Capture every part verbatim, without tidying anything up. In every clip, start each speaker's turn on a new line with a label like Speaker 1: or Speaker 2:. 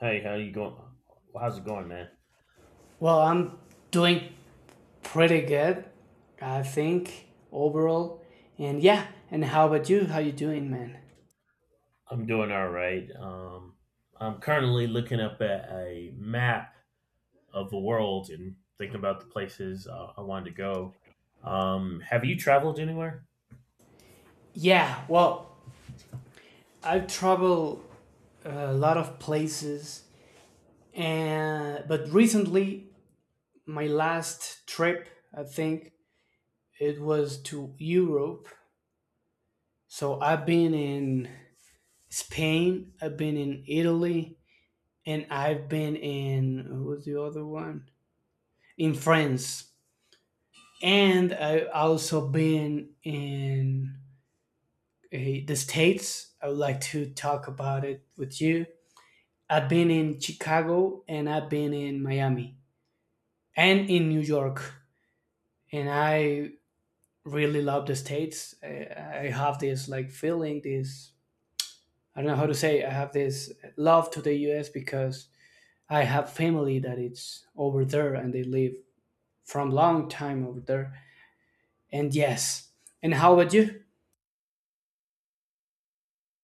Speaker 1: Hey, how you going? How's it going, man?
Speaker 2: Well, I'm doing pretty good, I think, overall. And yeah, and how about you? How you doing, man?
Speaker 1: I'm doing all right. Um, I'm currently looking up at a map of the world and thinking about the places uh, I wanted to go. Um, have you traveled anywhere?
Speaker 2: Yeah, well, I've traveled a lot of places, and but recently my last trip, I think, it was to Europe. So I've been in Spain, I've been in Italy, and I've been in what was the other one? In France. And I've also been in uh, the states. I would like to talk about it with you. I've been in Chicago and I've been in Miami and in New York, and I really love the states. I, I have this like feeling, this I don't know how to say. I have this love to the U S because I have family that it's over there and they live from long time over there. And yes, and how about you?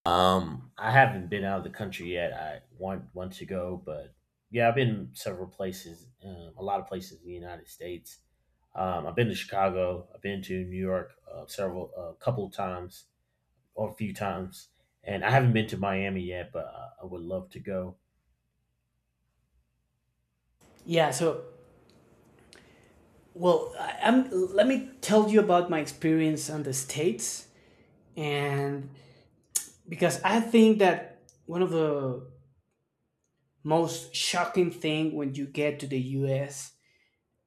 Speaker 1: Um, I haven't been out of the country yet. I want want to go, but yeah, I've been several places, um, a lot of places in the United States. Um, I've been to Chicago. I've been to New York, uh, several, a couple of times. A few times, and I haven't been to Miami yet, but I- I would love to go.
Speaker 2: Yeah, so well, I, I'm, let me tell you about my experience on the States. And because I think that one of the most shocking thing when you get to the U S,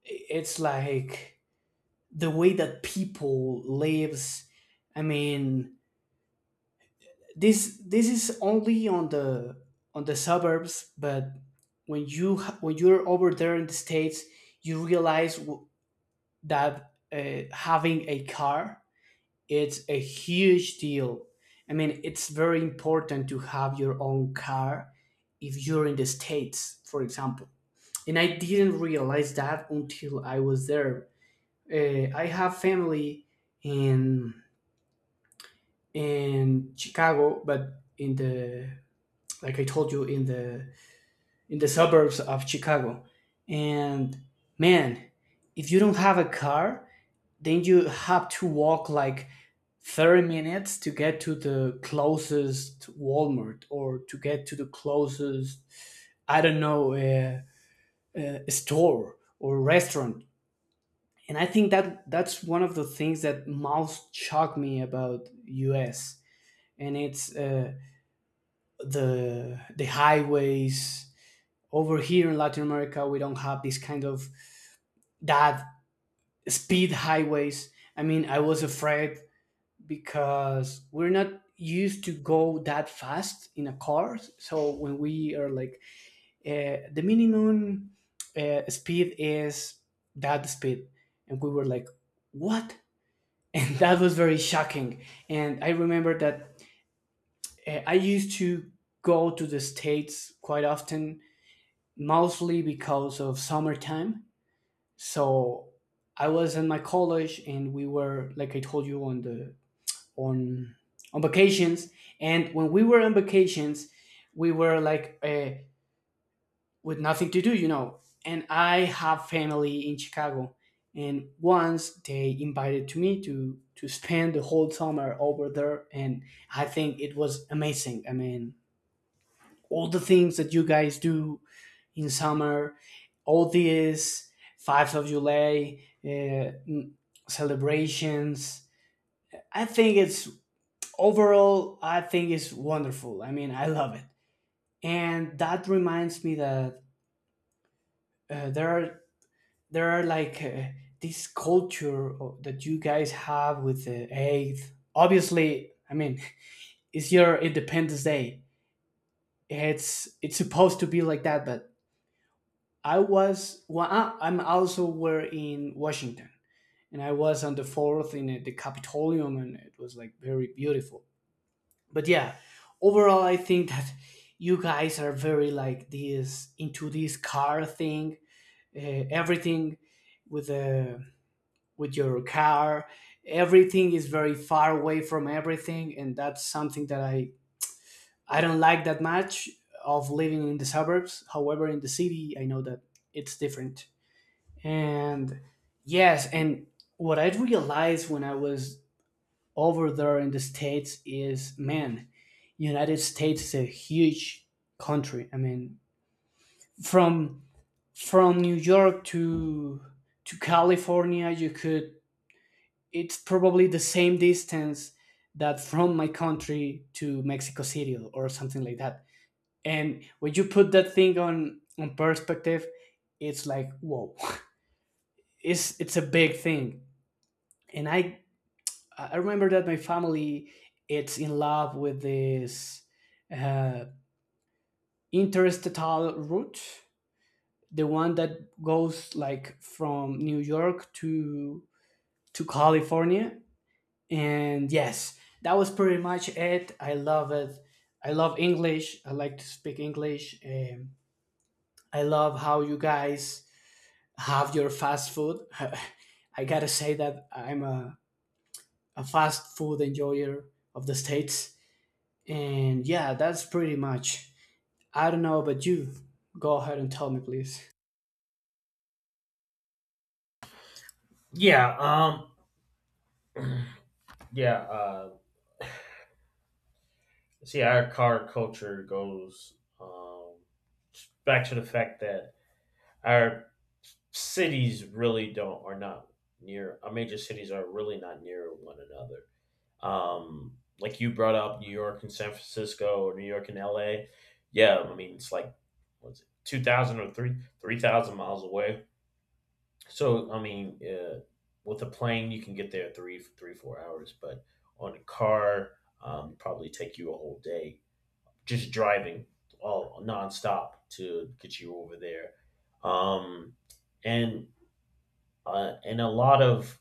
Speaker 2: it's like the way that people lives. I mean, this this is only on the on the suburbs, but when you ha- when you're over there in the states, you realize w- that uh, having a car, it's a huge deal. I mean, it's very important to have your own car if you're in the States, for example. And I didn't realize that until I was there. Uh, I have family in in Chicago, but in the like I told you in the in the suburbs of Chicago. And man, if you don't have a car, then you have to walk like thirty minutes to get to the closest Walmart or to get to the closest, I don't know, uh, uh, store or restaurant. And I think that that's one of the things that most shocked me about U S. And it's uh, the the highways. Over here in Latin America, we don't have this kind of that speed highways. I mean, I was afraid because we're not used to go that fast in a car. So when we are like uh, the minimum uh, speed is that speed, and we were like, what? And that was very shocking. And I remember that uh, I used to go to the states quite often, mostly because of summertime. So I was in my college, and we were like I told you on the on on vacations, and when we were on vacations we were like uh, with nothing to do, you know, and I have family in Chicago. And once they invited to me to to spend the whole summer over there, and I think it was amazing. I mean, all the things that you guys do in summer, all these five of July uh, m- celebrations, I think it's overall, I think it's wonderful. I mean, I love it, and that reminds me that uh, there are there are like uh, this culture o- that you guys have with the eighth. Obviously, I mean, it's your Independence Day. It's it's supposed to be like that, but I was well, I, I'm also were in Washington, and I was on the fourth in uh, the Capitolium, and it was like very beautiful. But yeah, overall I think that you guys are very like this into this car thing, uh, everything with the with your car. Everything is very far away from everything, and that's something that i i don't like that much of living in the suburbs. However, in the city I know that it's different. And yes, and what I realized when I was over there in the states is, man, United States is a huge country. I mean, from from New York to to California, you could, it's probably the same distance that from my country to Mexico City or something like that. And when you put that thing on on perspective, it's like whoa. it's it's a big thing, and i I I remember that my family, it's in love with this uh, interestatal route, the one that goes like from New York to to California. And yes, that was pretty much it. I love it. I love English. I like to speak English. Um, I love how you guys have your fast food. I gotta say that I'm a, a fast food enjoyer of the states. And yeah, that's pretty much. I don't know, but you go ahead and tell me, please.
Speaker 1: Yeah, um, yeah. Uh, see, our car culture goes um, back to the fact that our cities really don't, are not near, our major cities are really not near one another. Um, like you brought up New York and San Francisco, or New York and L A. Yeah, I mean it's like, what's it, two thousand or three three thousand miles away. So I mean, uh, with a plane you can get there three three four hours, but on a car, um, probably take you a whole day just driving, all nonstop, to get you over there. Um, and uh, and a lot of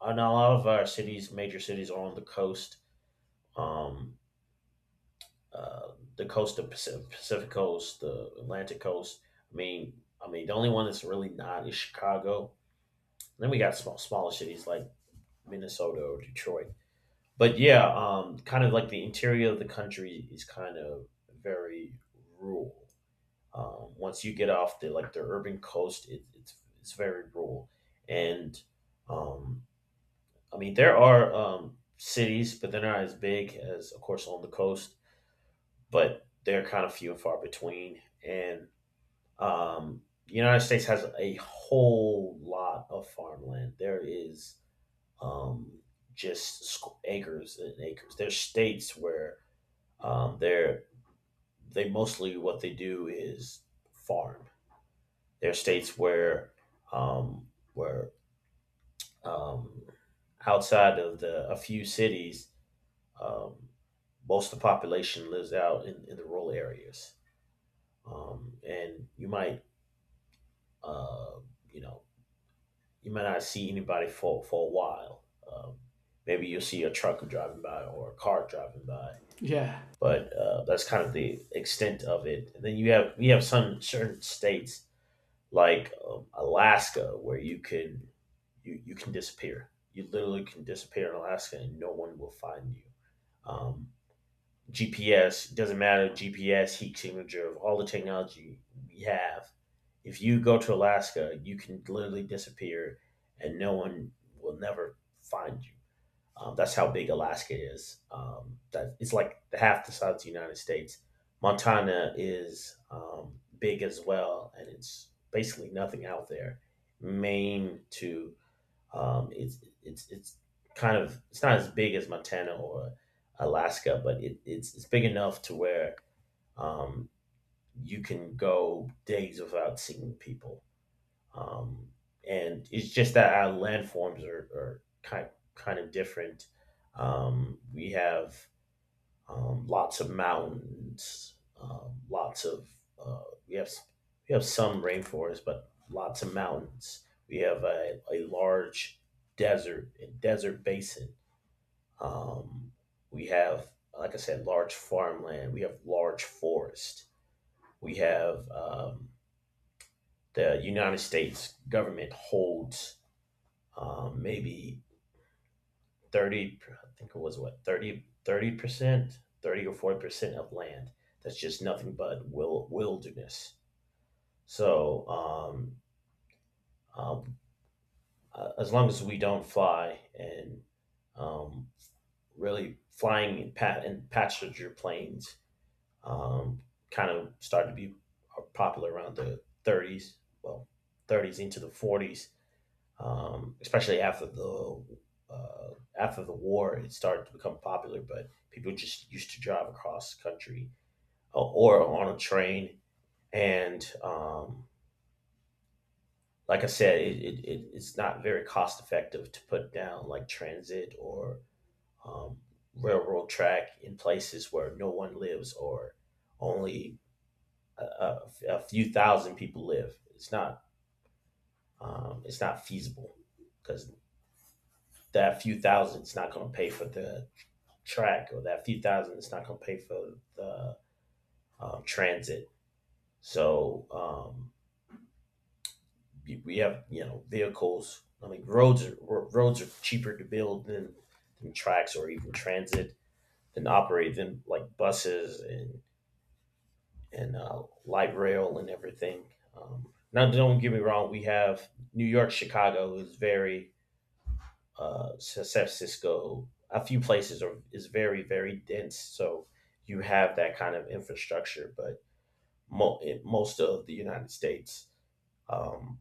Speaker 1: and a lot of our cities, major cities, are on the coast. Um, uh, the coast of Pacific, Pacific coast, the Atlantic coast. I mean, I mean, the only one that's really not is Chicago. Then we got small, smaller cities, like Minnesota or Detroit. But yeah, um, kind of like, the interior of the country is kind of very rural. Um, once you get off the like the urban coast, it, it's it's very rural, and um, I mean there are, um, cities, but they're not as big as, of course, on the coast. But they're kind of few and far between, and um, the United States has a whole lot of farmland. There is, um, just squ- acres and acres. There's states where, um, they're they mostly, what they do is farm. There are states where, um, where um, outside of the a few cities, um, most of the population lives out in, in, the rural areas, um, and you might uh, you know you might not see anybody for for a while. Um, Maybe you'll see a truck driving by, or a car driving by,
Speaker 2: Yeah,
Speaker 1: but uh, that's kind of the extent of it. And then you have you have some certain states like, um, Alaska, where you can you, you can disappear. You literally can disappear in Alaska, and no one will find you. Um, G P S doesn't matter. G P S, heat signature, of all the technology we have. If you go to Alaska, you can literally disappear, and no one will never find you. Um, that's how big Alaska is. Um, that it's like half the size of the United States. Montana is, um, big as well, and it's basically nothing out there. Maine to, um, it's it's it's kind of, it's not as big as Montana or Alaska, but it, it's it's big enough to where, um, you can go days without seeing people, um, and it's just that our landforms are, are kind kind of different. Um, we have, um, lots of mountains, um, lots of, uh, we have s- we have some rainforest, but lots of mountains. We have a, a large desert and desert basin. Um, we have, like I said, large farmland. We have large forest. We have, um, the United States government holds, um, maybe thirty, i think it was what thirty, thirty percent thirty or forty percent of land that's just nothing but wil- wilderness. So, um, um, uh, as long as we don't fly, and um, really flying in, pa- in passenger planes, um, kind of started to be popular around the thirties, well thirties into the forties, um, especially after the, uh, after the war, it started to become popular. But people just used to drive across the country, uh, or on a train, and um, like I said, it, it, it it's not very cost effective to put down, like, transit or um, railroad track in places where no one lives, or only a, a, a few thousand people live. It's not um, it's not feasible, because that few thousand is not going to pay for the track, or that few thousand it's not going to pay for the, um, transit. So um, we- have, you know, vehicles. I mean, roads are, roads are cheaper to build than, than tracks, or even transit than operate than, like, buses and and uh, light rail and everything. Um, now, don't get me wrong, we have New York. Chicago is very, uh, San Francisco, a few places are is very, very dense, so you have that kind of infrastructure. But mo- in most of the United States, Um,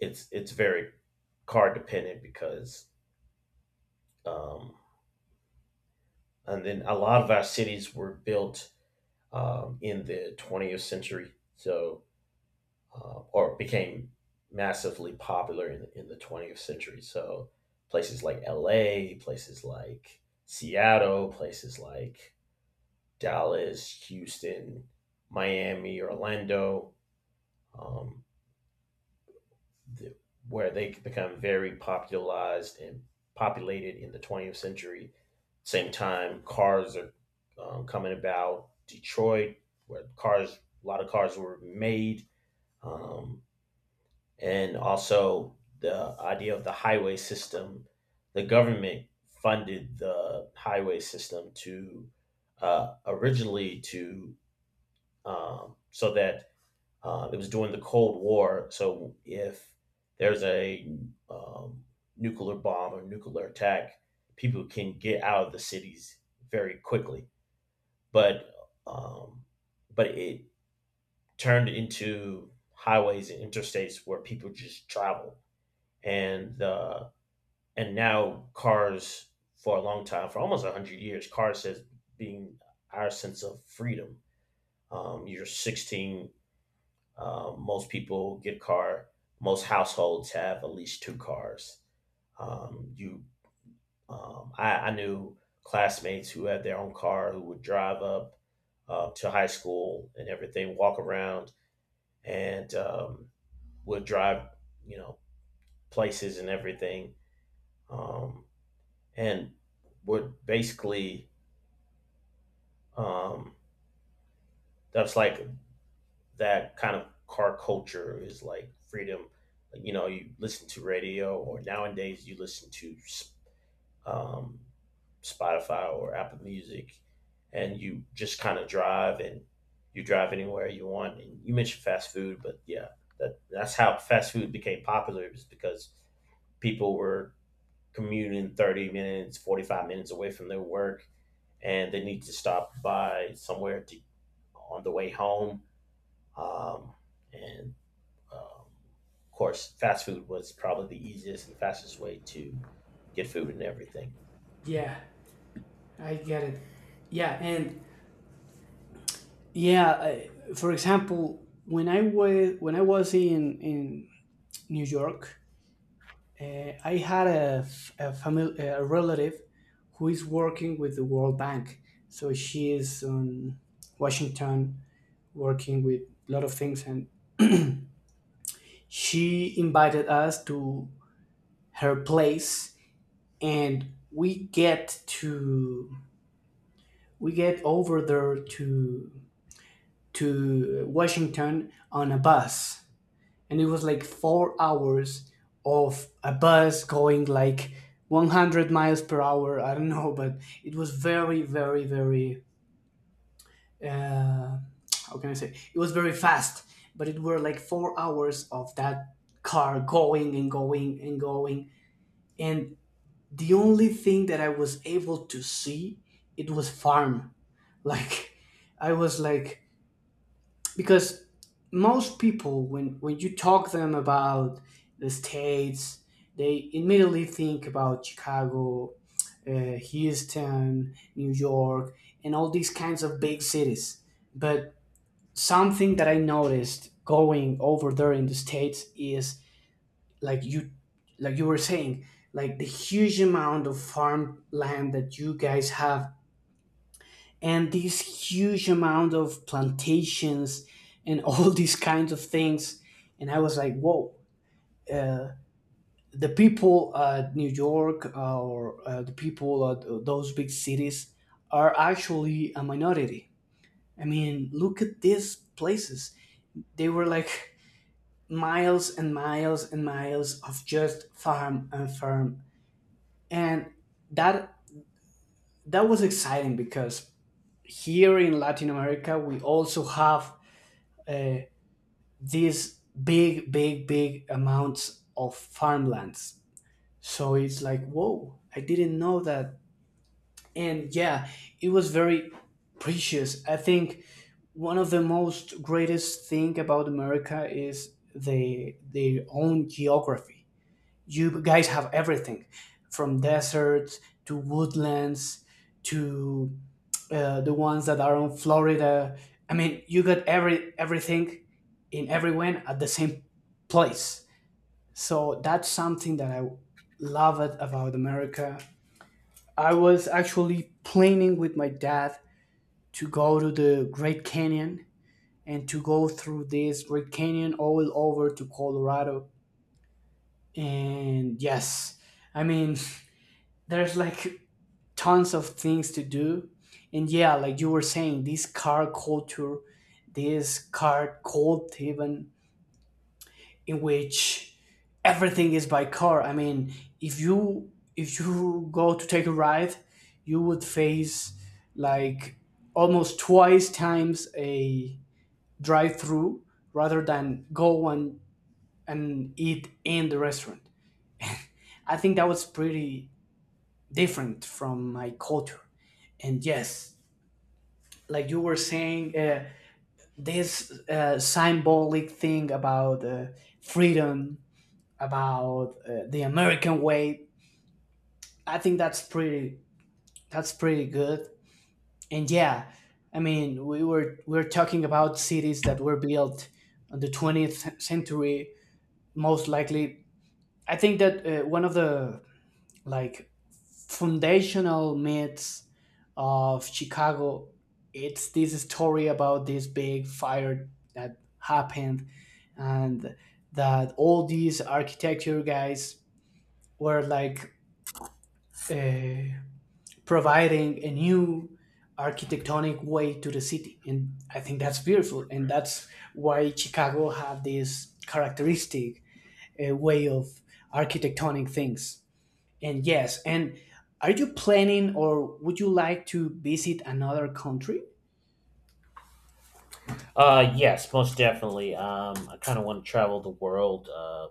Speaker 1: it's it's very car dependent, because, um, and then a lot of our cities were built, um, in the twentieth century. So, uh, or became massively popular in in the twentieth century. So places like L A, places like Seattle, places like Dallas, Houston, Miami, Orlando. Um, the, where they become very popularized and populated in the twentieth century. Same time, cars are, um, coming about. Detroit, where cars, a lot of cars were made, um, and also the idea of the highway system. The government funded the highway system to, uh, originally to, um, so that, uh, it was during the Cold War. So if there's a, um, nuclear bomb or nuclear attack, people can get out of the cities very quickly. But um, but it turned into highways and interstates where people just travel. And uh, and now cars, for a long time, for almost a hundred years, cars has been our sense of freedom. Um, you're sixteen. Um, most people get a car. Most households have at least two cars. Um, you, um, I, I knew classmates who had their own car, who would drive up, uh, to high school and everything, walk around, and um, would drive, you know, places and everything, um, and would basically um, that's like, that kind of car culture is like freedom. Like, You know, you listen to radio, or nowadays you listen to, um, Spotify or Apple Music, and you just kind of drive, and you drive anywhere you want. And you mentioned fast food, but yeah, that that's how fast food became popular, is because people were commuting thirty minutes, forty-five minutes away from their work, and they need to stop by somewhere to, on the way home. Um, and um, of course, fast food was probably the easiest and fastest way to get food and everything.
Speaker 2: yeah, I get it. Yeah, and yeah, I, for example, when I was when I was in in New York, uh, I had a f- a, family, a relative who is working with the World Bank. So she is in Washington working with a lot of things, and she invited us to her place, and we get to we get over there to to Washington on a bus, and it was like four hours of a bus going like one hundred miles per hour. I don't know, but it was very, very, very. Uh, how can I say? It was very fast, but it were like four hours of that car going and going and going, and the only thing that I was able to see, it was farm. Like, I was like, because most people when when you talk them about the states, they immediately think about Chicago, uh, Houston, New York, and all these kinds of big cities. But something that I noticed going over there in the states is like you, like you were saying, like the huge amount of farmland that you guys have and this huge amount of plantations and all these kinds of things. And I was like, whoa, uh, the people at New York uh, or uh, the people at those big cities are actually a minority. I mean, look at these places, they were like miles and miles and miles of just farm and farm. And that that was exciting because here in Latin America we also have uh, these big, big, big amounts of farmlands. So it's like, whoa, I didn't know that. And yeah, it was very precious. I think one of the most greatest thing about America is the their own geography. You guys have everything, from deserts to woodlands to uh, the ones that are on Florida. I mean, you got every everything in everyone at the same place. So that's something that I love it about America. I was actually planning with my dad to go to the Great Canyon and to go through this Great Canyon all over to Colorado. And yes, I mean, there's like tons of things to do. And yeah, like you were saying, this car culture, this car cult even, in which everything is by car. I mean, if you if you go to take a ride, you would face like almost twice times a drive through rather than go and and eat in the restaurant. I think that was pretty different from my culture. And yes, like you were saying, uh, this uh, symbolic thing about uh, freedom, about uh, the American way. I think that's pretty. That's pretty good. And yeah, I mean, we were we are talking about cities that were built on the twentieth century, most likely. I think that uh, one of the like foundational myths of Chicago, it's this story about this big fire that happened, and that all these architecture guys were like uh, providing a new architectonic way to the city. And I think that's beautiful, and that's why Chicago have this characteristic uh, way of architectonic things. And yes, and are you planning or would you like to visit another country?
Speaker 1: Uh, yes, most definitely. Um, I kind of want to travel the world, uh,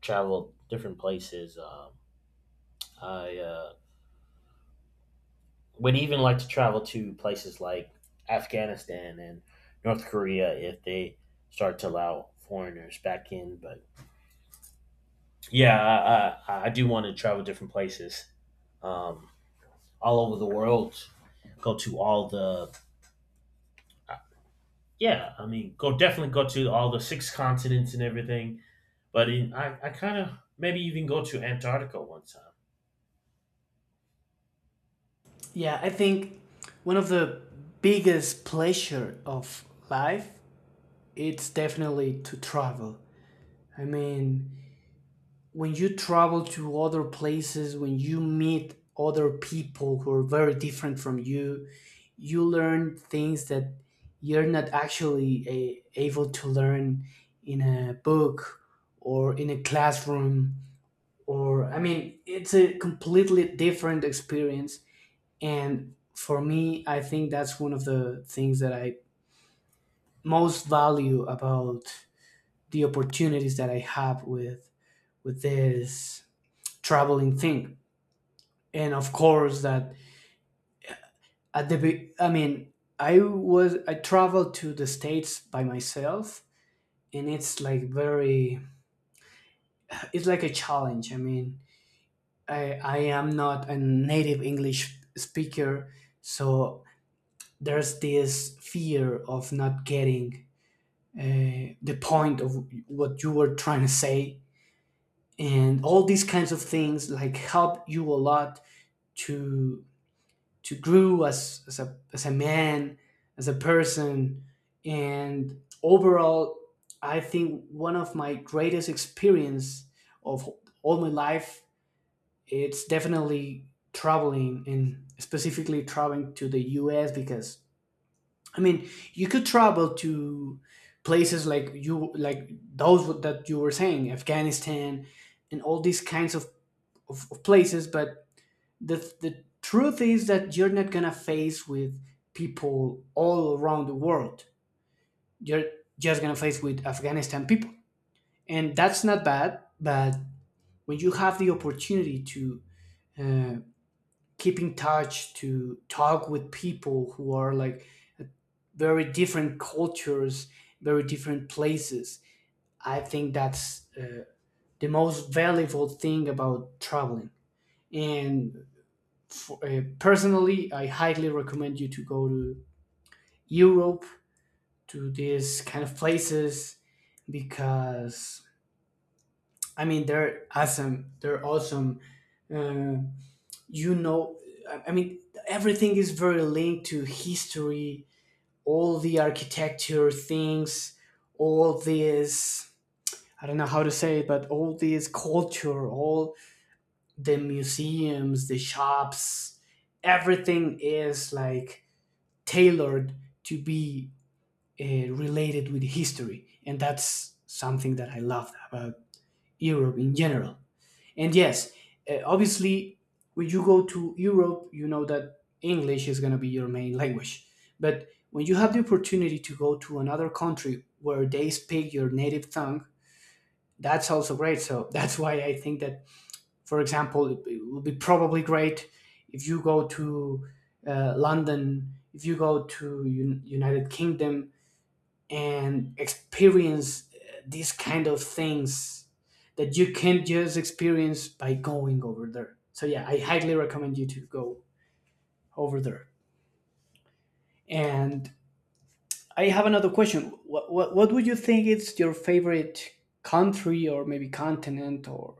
Speaker 1: travel different places. Um, I, uh, would even like to travel to places like Afghanistan and North Korea, if they start to allow foreigners back in. But yeah, I, I, I do want to travel different places, um, all over the world. Go to all the yeah, I mean, go definitely go to all the six continents and everything. But in, I, I kind of, maybe even, go to Antarctica one time.
Speaker 2: Yeah, I think one of the biggest pleasure of life, it's definitely to travel. I mean, when you travel to other places, when you meet other people who are very different from you, you learn things that you're not actually a, able to learn in a book or in a classroom. Or, I mean, it's a completely different experience. And for me, I think that's one of the things that I most value about the opportunities that I have with with this traveling thing. And of course that, at the be- I mean, i was I traveled to the States by myself, and it's like very it's like a challenge, I mean. I i am not a native English speaker, so there's this fear of not getting uh, the point of what you were trying to say, and all these kinds of things like help you a lot to to grow as, as a as a man, as a person, and overall I think one of my greatest experience of all my life, it's definitely traveling and specifically traveling to the US, because I mean, you could travel to places like you like those that you were saying, Afghanistan, and all these kinds of, of, of places, but the the truth is that you're not gonna face with people all around the world. You're just gonna face with Afghanistan people, and that's not bad. But when you have the opportunity to uh, keep in touch, to talk with people who are like very different cultures, very different places, I think that's uh, the most valuable thing about traveling. And for, uh, personally, I highly recommend you to go to Europe, to these kind of places, because I mean, they're awesome. They're awesome. Uh, you know, I I mean, everything is very linked to history. All the architecture things, all this. I don't know how to say it, but all this culture, all the museums, the shops, everything is like tailored to be uh, related with history. And that's something that I love about Europe in general. And yes, uh, obviously, when you go to Europe, you know that English is going to be your main language. But when you have the opportunity to go to another country where they speak your native tongue, that's also great. So that's why I think that, for example, it, it would be probably great if you go to uh, London, if you go to Un- United Kingdom and experience uh, these kind of things that you can't just experience by going over there. So yeah, I highly recommend you to go over there. And I have another question. What what, what would you think is your favorite country, or maybe continent, or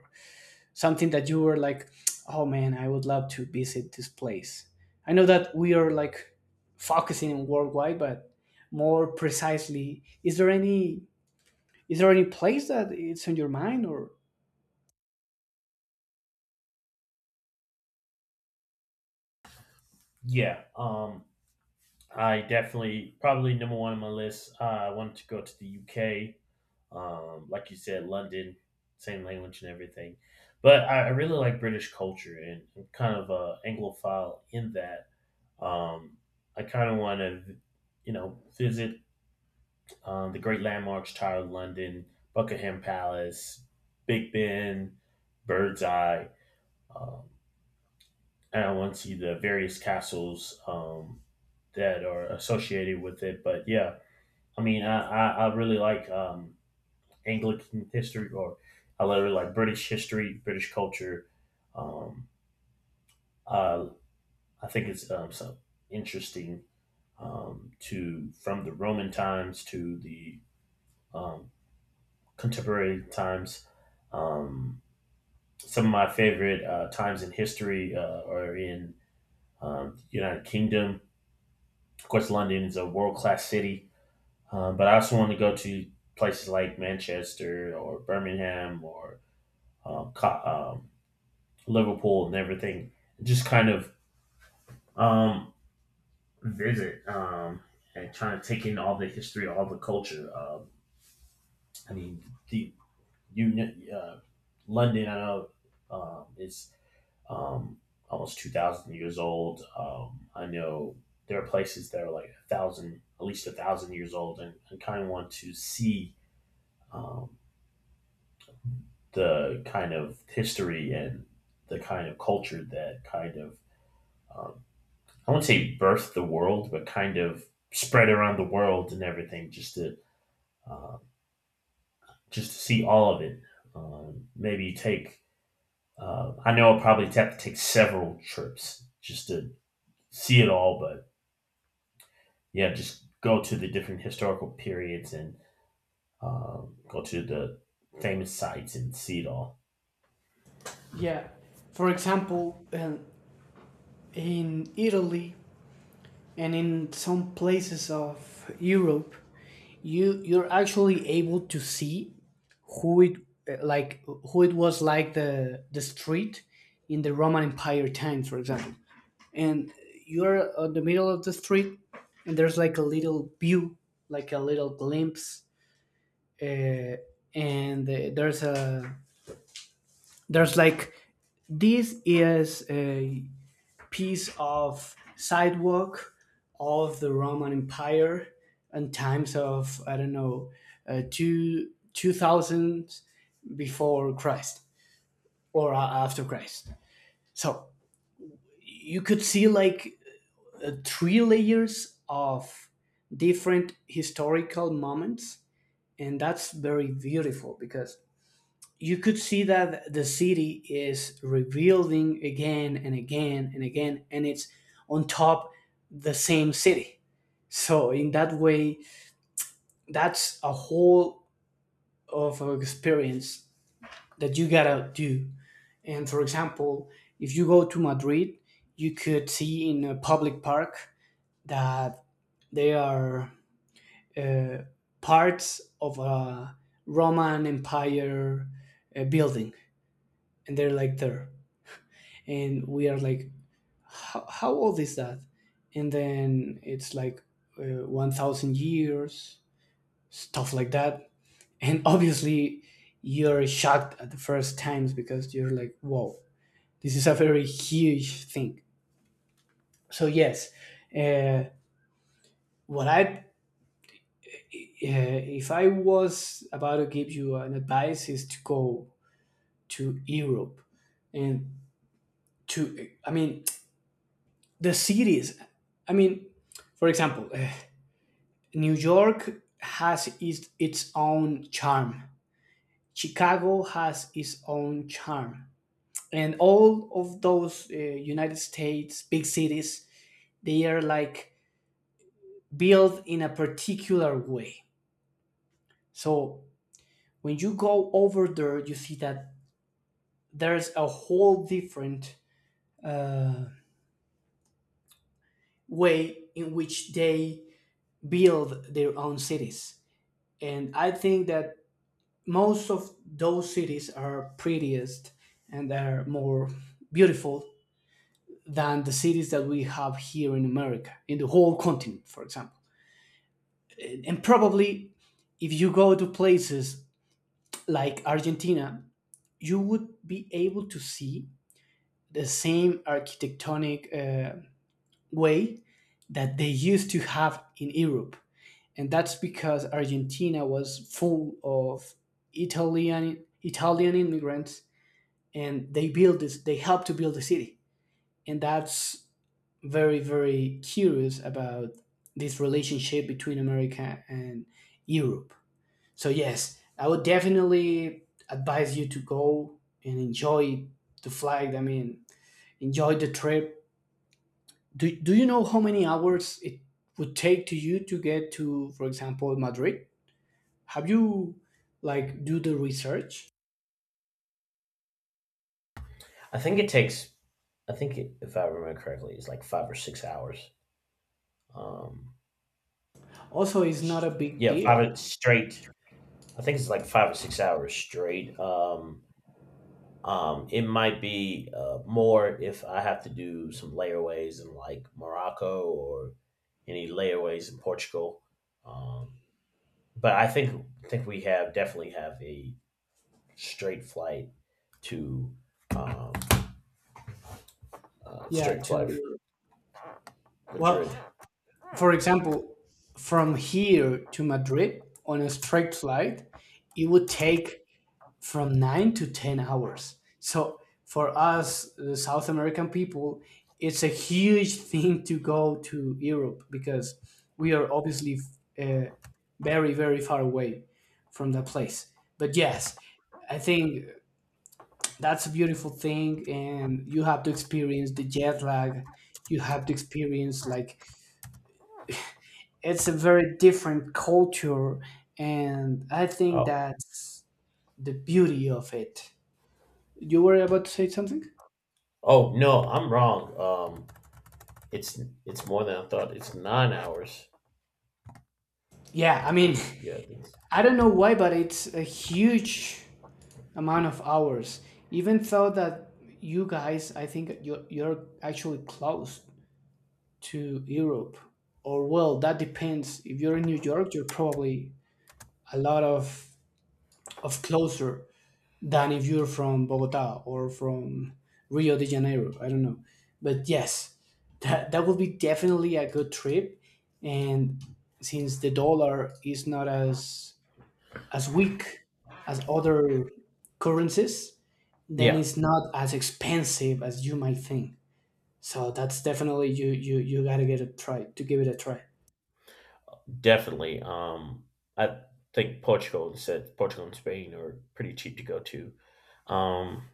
Speaker 2: something that you were like, oh man, I would love to visit this place? I know that we are like focusing on worldwide, but more precisely, is there any is there any place that it's on your mind, or,
Speaker 1: Yeah, um, I definitely, probably number one on my list. Uh, I wanted to go to the U K, um, like you said, London, same language and everything. But I, I really like British culture, and I'm kind of a Anglophile in that. Um, I kind of want to, you know, visit, um, the great landmarks: Tower of London, Buckingham Palace, Big Ben, Bird's Eye, um, and I want to see the various castles, um, that are associated with it. But yeah, I mean, I, I, I really like, um, Anglican history, or I really like British history, British culture. Um, uh, I think it's, um, so interesting, um, to from the Roman times to the, um, contemporary times. Um, some of my favorite, uh, times in history, uh, are in, um, United Kingdom. Of course, London is a world class city, um, but I also want to go to places like Manchester or Birmingham, or um, Co- um, Liverpool and everything. Just kind of, um, visit, um, and trying to take in all the history, all the culture. Um, I mean, the Union, uh, London, I know, um, is, um, almost two thousand years old. Um, I know there are places that are like a thousand, at least a thousand years old, and, and kind of want to see, um, the kind of history and the kind of culture that kind of, um, I won't say birthed the world, but kind of spread around the world and everything, just to, um just to see all of it. Um, maybe take, uh, I know I'll probably have to take several trips just to see it all. But yeah, just go to the different historical periods, and um, go to the famous sites, and see it all.
Speaker 2: yeah, for example, um, in Italy and in some places of Europe, you you're actually able to see who it uh, like who it was like, the the street in the Roman Empire times, for example. And you're on the middle of the street, and there's like a little view, like a little glimpse, uh, and uh, there's a there's like, this is a piece of sidewalk of the Roman Empire and times of, I don't know, uh, two 2000 before Christ, or a- after Christ. So you could see like uh, three layers of different historical moments, and that's very beautiful because you could see that the city is rebuilding again and again and again, and it's on top, the same city. So in that way, that's a whole of an experience that you gotta do. And for example, if you go to Madrid, you could see in a public park that they are uh, parts of a Roman Empire uh, building, and they're like there, and we are like, how how old is that? And then it's like uh, one thousand years, stuff like that, and obviously you're shocked at the first times because you're like, whoa, this is a very huge thing. So yes, uh, what I uh, if I was about to give you an advice is to go to Europe and to, I mean, the cities. I mean, for example, uh, New York has its, its own charm. Chicago has its own charm, and all of those uh, United States big cities, they are like built in a particular way. So when you go over there, you see that there's a whole different uh, way in which they build their own cities. And I think that most of those cities are prettiest and are more beautiful than the cities that we have here in America, in the whole continent, for example. And probably if you go to places like Argentina, you would be able to see the same architectonic uh, way that they used to have in Europe. And that's because Argentina was full of Italian Italian immigrants, and they built this. They helped to build the city, and that's very very curious about this relationship between America and Europe. So yes, I would definitely advise you to go and enjoy the flight. I mean, enjoy the trip. Do Do you know how many hours it would take to you to get to, for example, Madrid? Have you, like, do the research?
Speaker 1: I think it takes. I think it, if I remember correctly, it's like five or six hours. Um,
Speaker 2: Also, it's not a
Speaker 1: s-
Speaker 2: big
Speaker 1: yeah,
Speaker 2: deal.
Speaker 1: five straight. I think it's like five or six hours straight. Um, um, it might be, uh, more if I have to do some layaways in, like, Morocco, or any layaways in Portugal. Um, but I think I think we have definitely have a straight flight to, um, uh,
Speaker 2: Yeah,
Speaker 1: straight flight
Speaker 2: to, well,
Speaker 1: Madrid.
Speaker 2: for example, from here to Madrid on a straight flight it would take from nine to ten hours, so for us, the South American people, it's a huge thing to go to Europe because we are obviously, uh, very very far away from that place. But yes, I think that's a beautiful thing, and you have to experience the jet lag, you have to experience like, it's a very different culture, and I think
Speaker 1: Oh,
Speaker 2: that's the beauty of it. You were about to say something?
Speaker 1: oh no, I'm wrong. Um, it's it's more than I thought. It's nine hours.
Speaker 2: Yeah, I mean,
Speaker 1: Yeah, it's-
Speaker 2: I don't know why but it's a huge amount of hours, even though that, you guys, I think you're, you're actually close to Europe, or well, that depends. If you're in New York, you're probably a lot of of closer than if you're from Bogota or from Rio de Janeiro. I don't know, but yes, that that would be definitely a good trip. And since the dollar is not as as weak as other currencies, then
Speaker 1: yeah,
Speaker 2: it's not as expensive as you might think. So that's definitely, you you you gotta get a try to give it a try.
Speaker 1: definitely. Um, I think, Portugal and said Portugal and Spain are pretty cheap to go to. Um,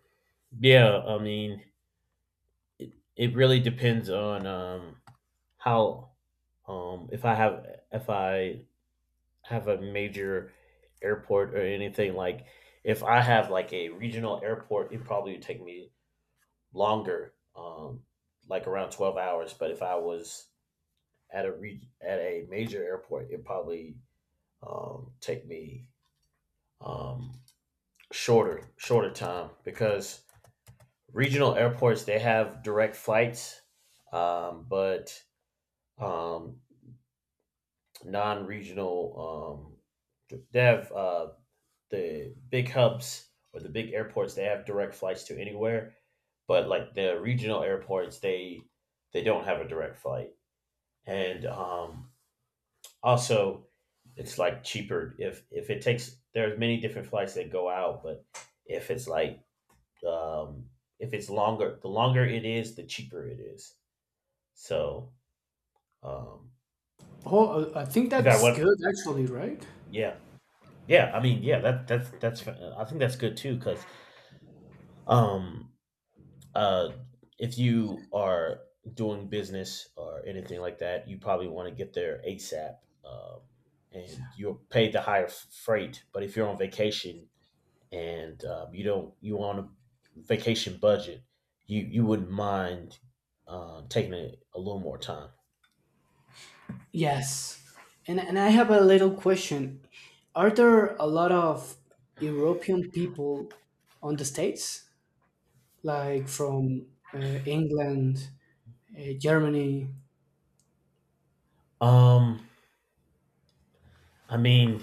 Speaker 1: yeah, I mean, it, it really depends on, um how, um if I have if I have a major airport or anything. Like, if I have like a regional airport, it probably would take me longer, um like, around twelve hours. But if I was at a re- at a major airport, it probably, um take me, um shorter shorter time, because regional airports, they have direct flights, um but, um non-regional, um they have, uh the big hubs, or the big airports, they have direct flights to anywhere. But like the regional airports, they they don't have a direct flight. And um, also it's like cheaper, if if it takes, there's many different flights that go out. But if it's like um, if it's longer, the longer it is, the cheaper it is. So, um,
Speaker 2: Oh, I I think
Speaker 1: if I
Speaker 2: that's
Speaker 1: want
Speaker 2: good actually, right?
Speaker 1: yeah. Yeah, I mean, yeah, that that's that's I think that's good too, because um uh, if you are doing business or anything like that, you probably want to get there ASAP. Um, and you're paid the higher freight. But if you're on vacation, and um, you don't, you on a vacation budget, you you wouldn't mind, uh, taking a, a little more time.
Speaker 2: Yes. And, and I have a little question. Are there a lot of European people on the States? Like from uh, England, uh, Germany?
Speaker 1: Um, I mean,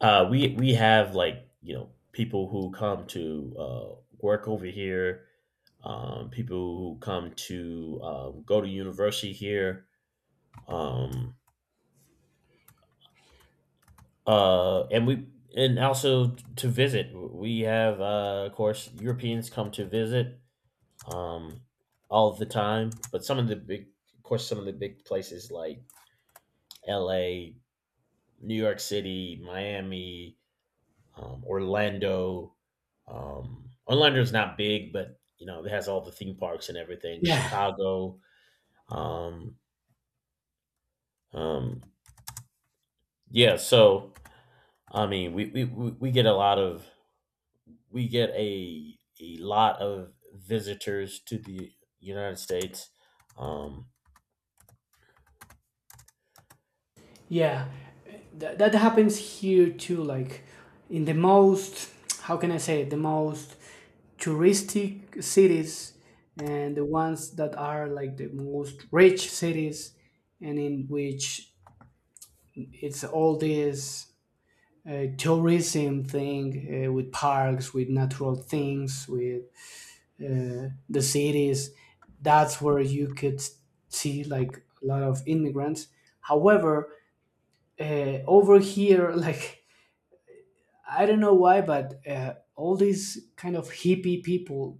Speaker 1: uh, we we have, like, you know people who come to, uh, work over here, um, people who come to, um, go to university here, um, uh, and we and also to visit. We have, uh, of course, Europeans come to visit, um, all of the time. But some of the big, of course, some of the big places like L A, New York City, Miami, um, Orlando. Um, Orlando's not big, but you know it has all the theme parks and everything.
Speaker 2: Yeah,
Speaker 1: Chicago. Um, um, Yeah, so I mean, we we we we get a lot of we get a a lot of visitors to the United States. Um,
Speaker 2: yeah. That, that happens here too. Like in the most, how can I say it? The most touristic cities, and the ones that are like the most rich cities, and in which it's all this uh, tourism thing, uh, with parks, with natural things, with uh, the cities. That's where you could see like a lot of immigrants. However, uh, over here, like, I don't know why, but uh, all these kind of hippie people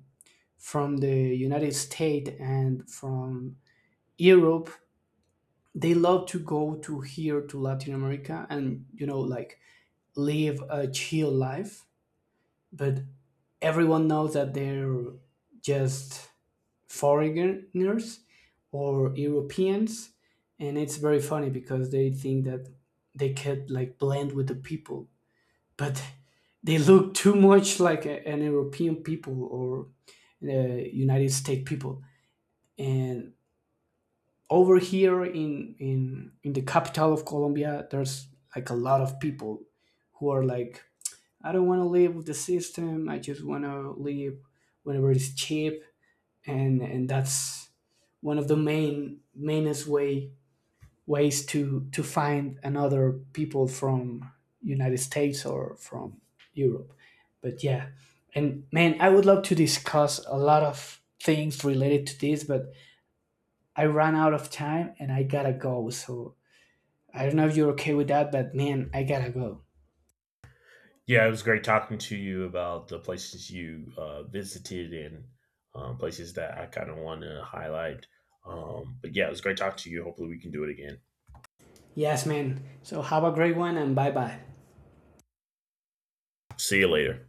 Speaker 2: from the United States and from Europe, they love to go to here to Latin America and you know like live a chill life, but everyone knows that they're just foreigners or Europeans, and it's very funny because they think that they could like blend with the people, but they look too much like a, an European people or uh, United States people. And over here in in in the capital of Colombia, there's like a lot of people who are like, I don't want to live with the system. I just want to live whenever it's cheap, and and that's one of the main mainest way ways to to find another people from United States or from Europe. But yeah, and man, I would love to discuss a lot of things related to this, but I ran out of time and I gotta go. So I don't know if you're okay with that, but man, I gotta go.
Speaker 1: yeah, it was great talking to you about the places you, uh, visited, and um, places that I kind of want to highlight. Um, but yeah, it was great talking to you. Hopefully, we can do it again.
Speaker 2: Yes, man. So have a great one and bye bye.
Speaker 1: See you later.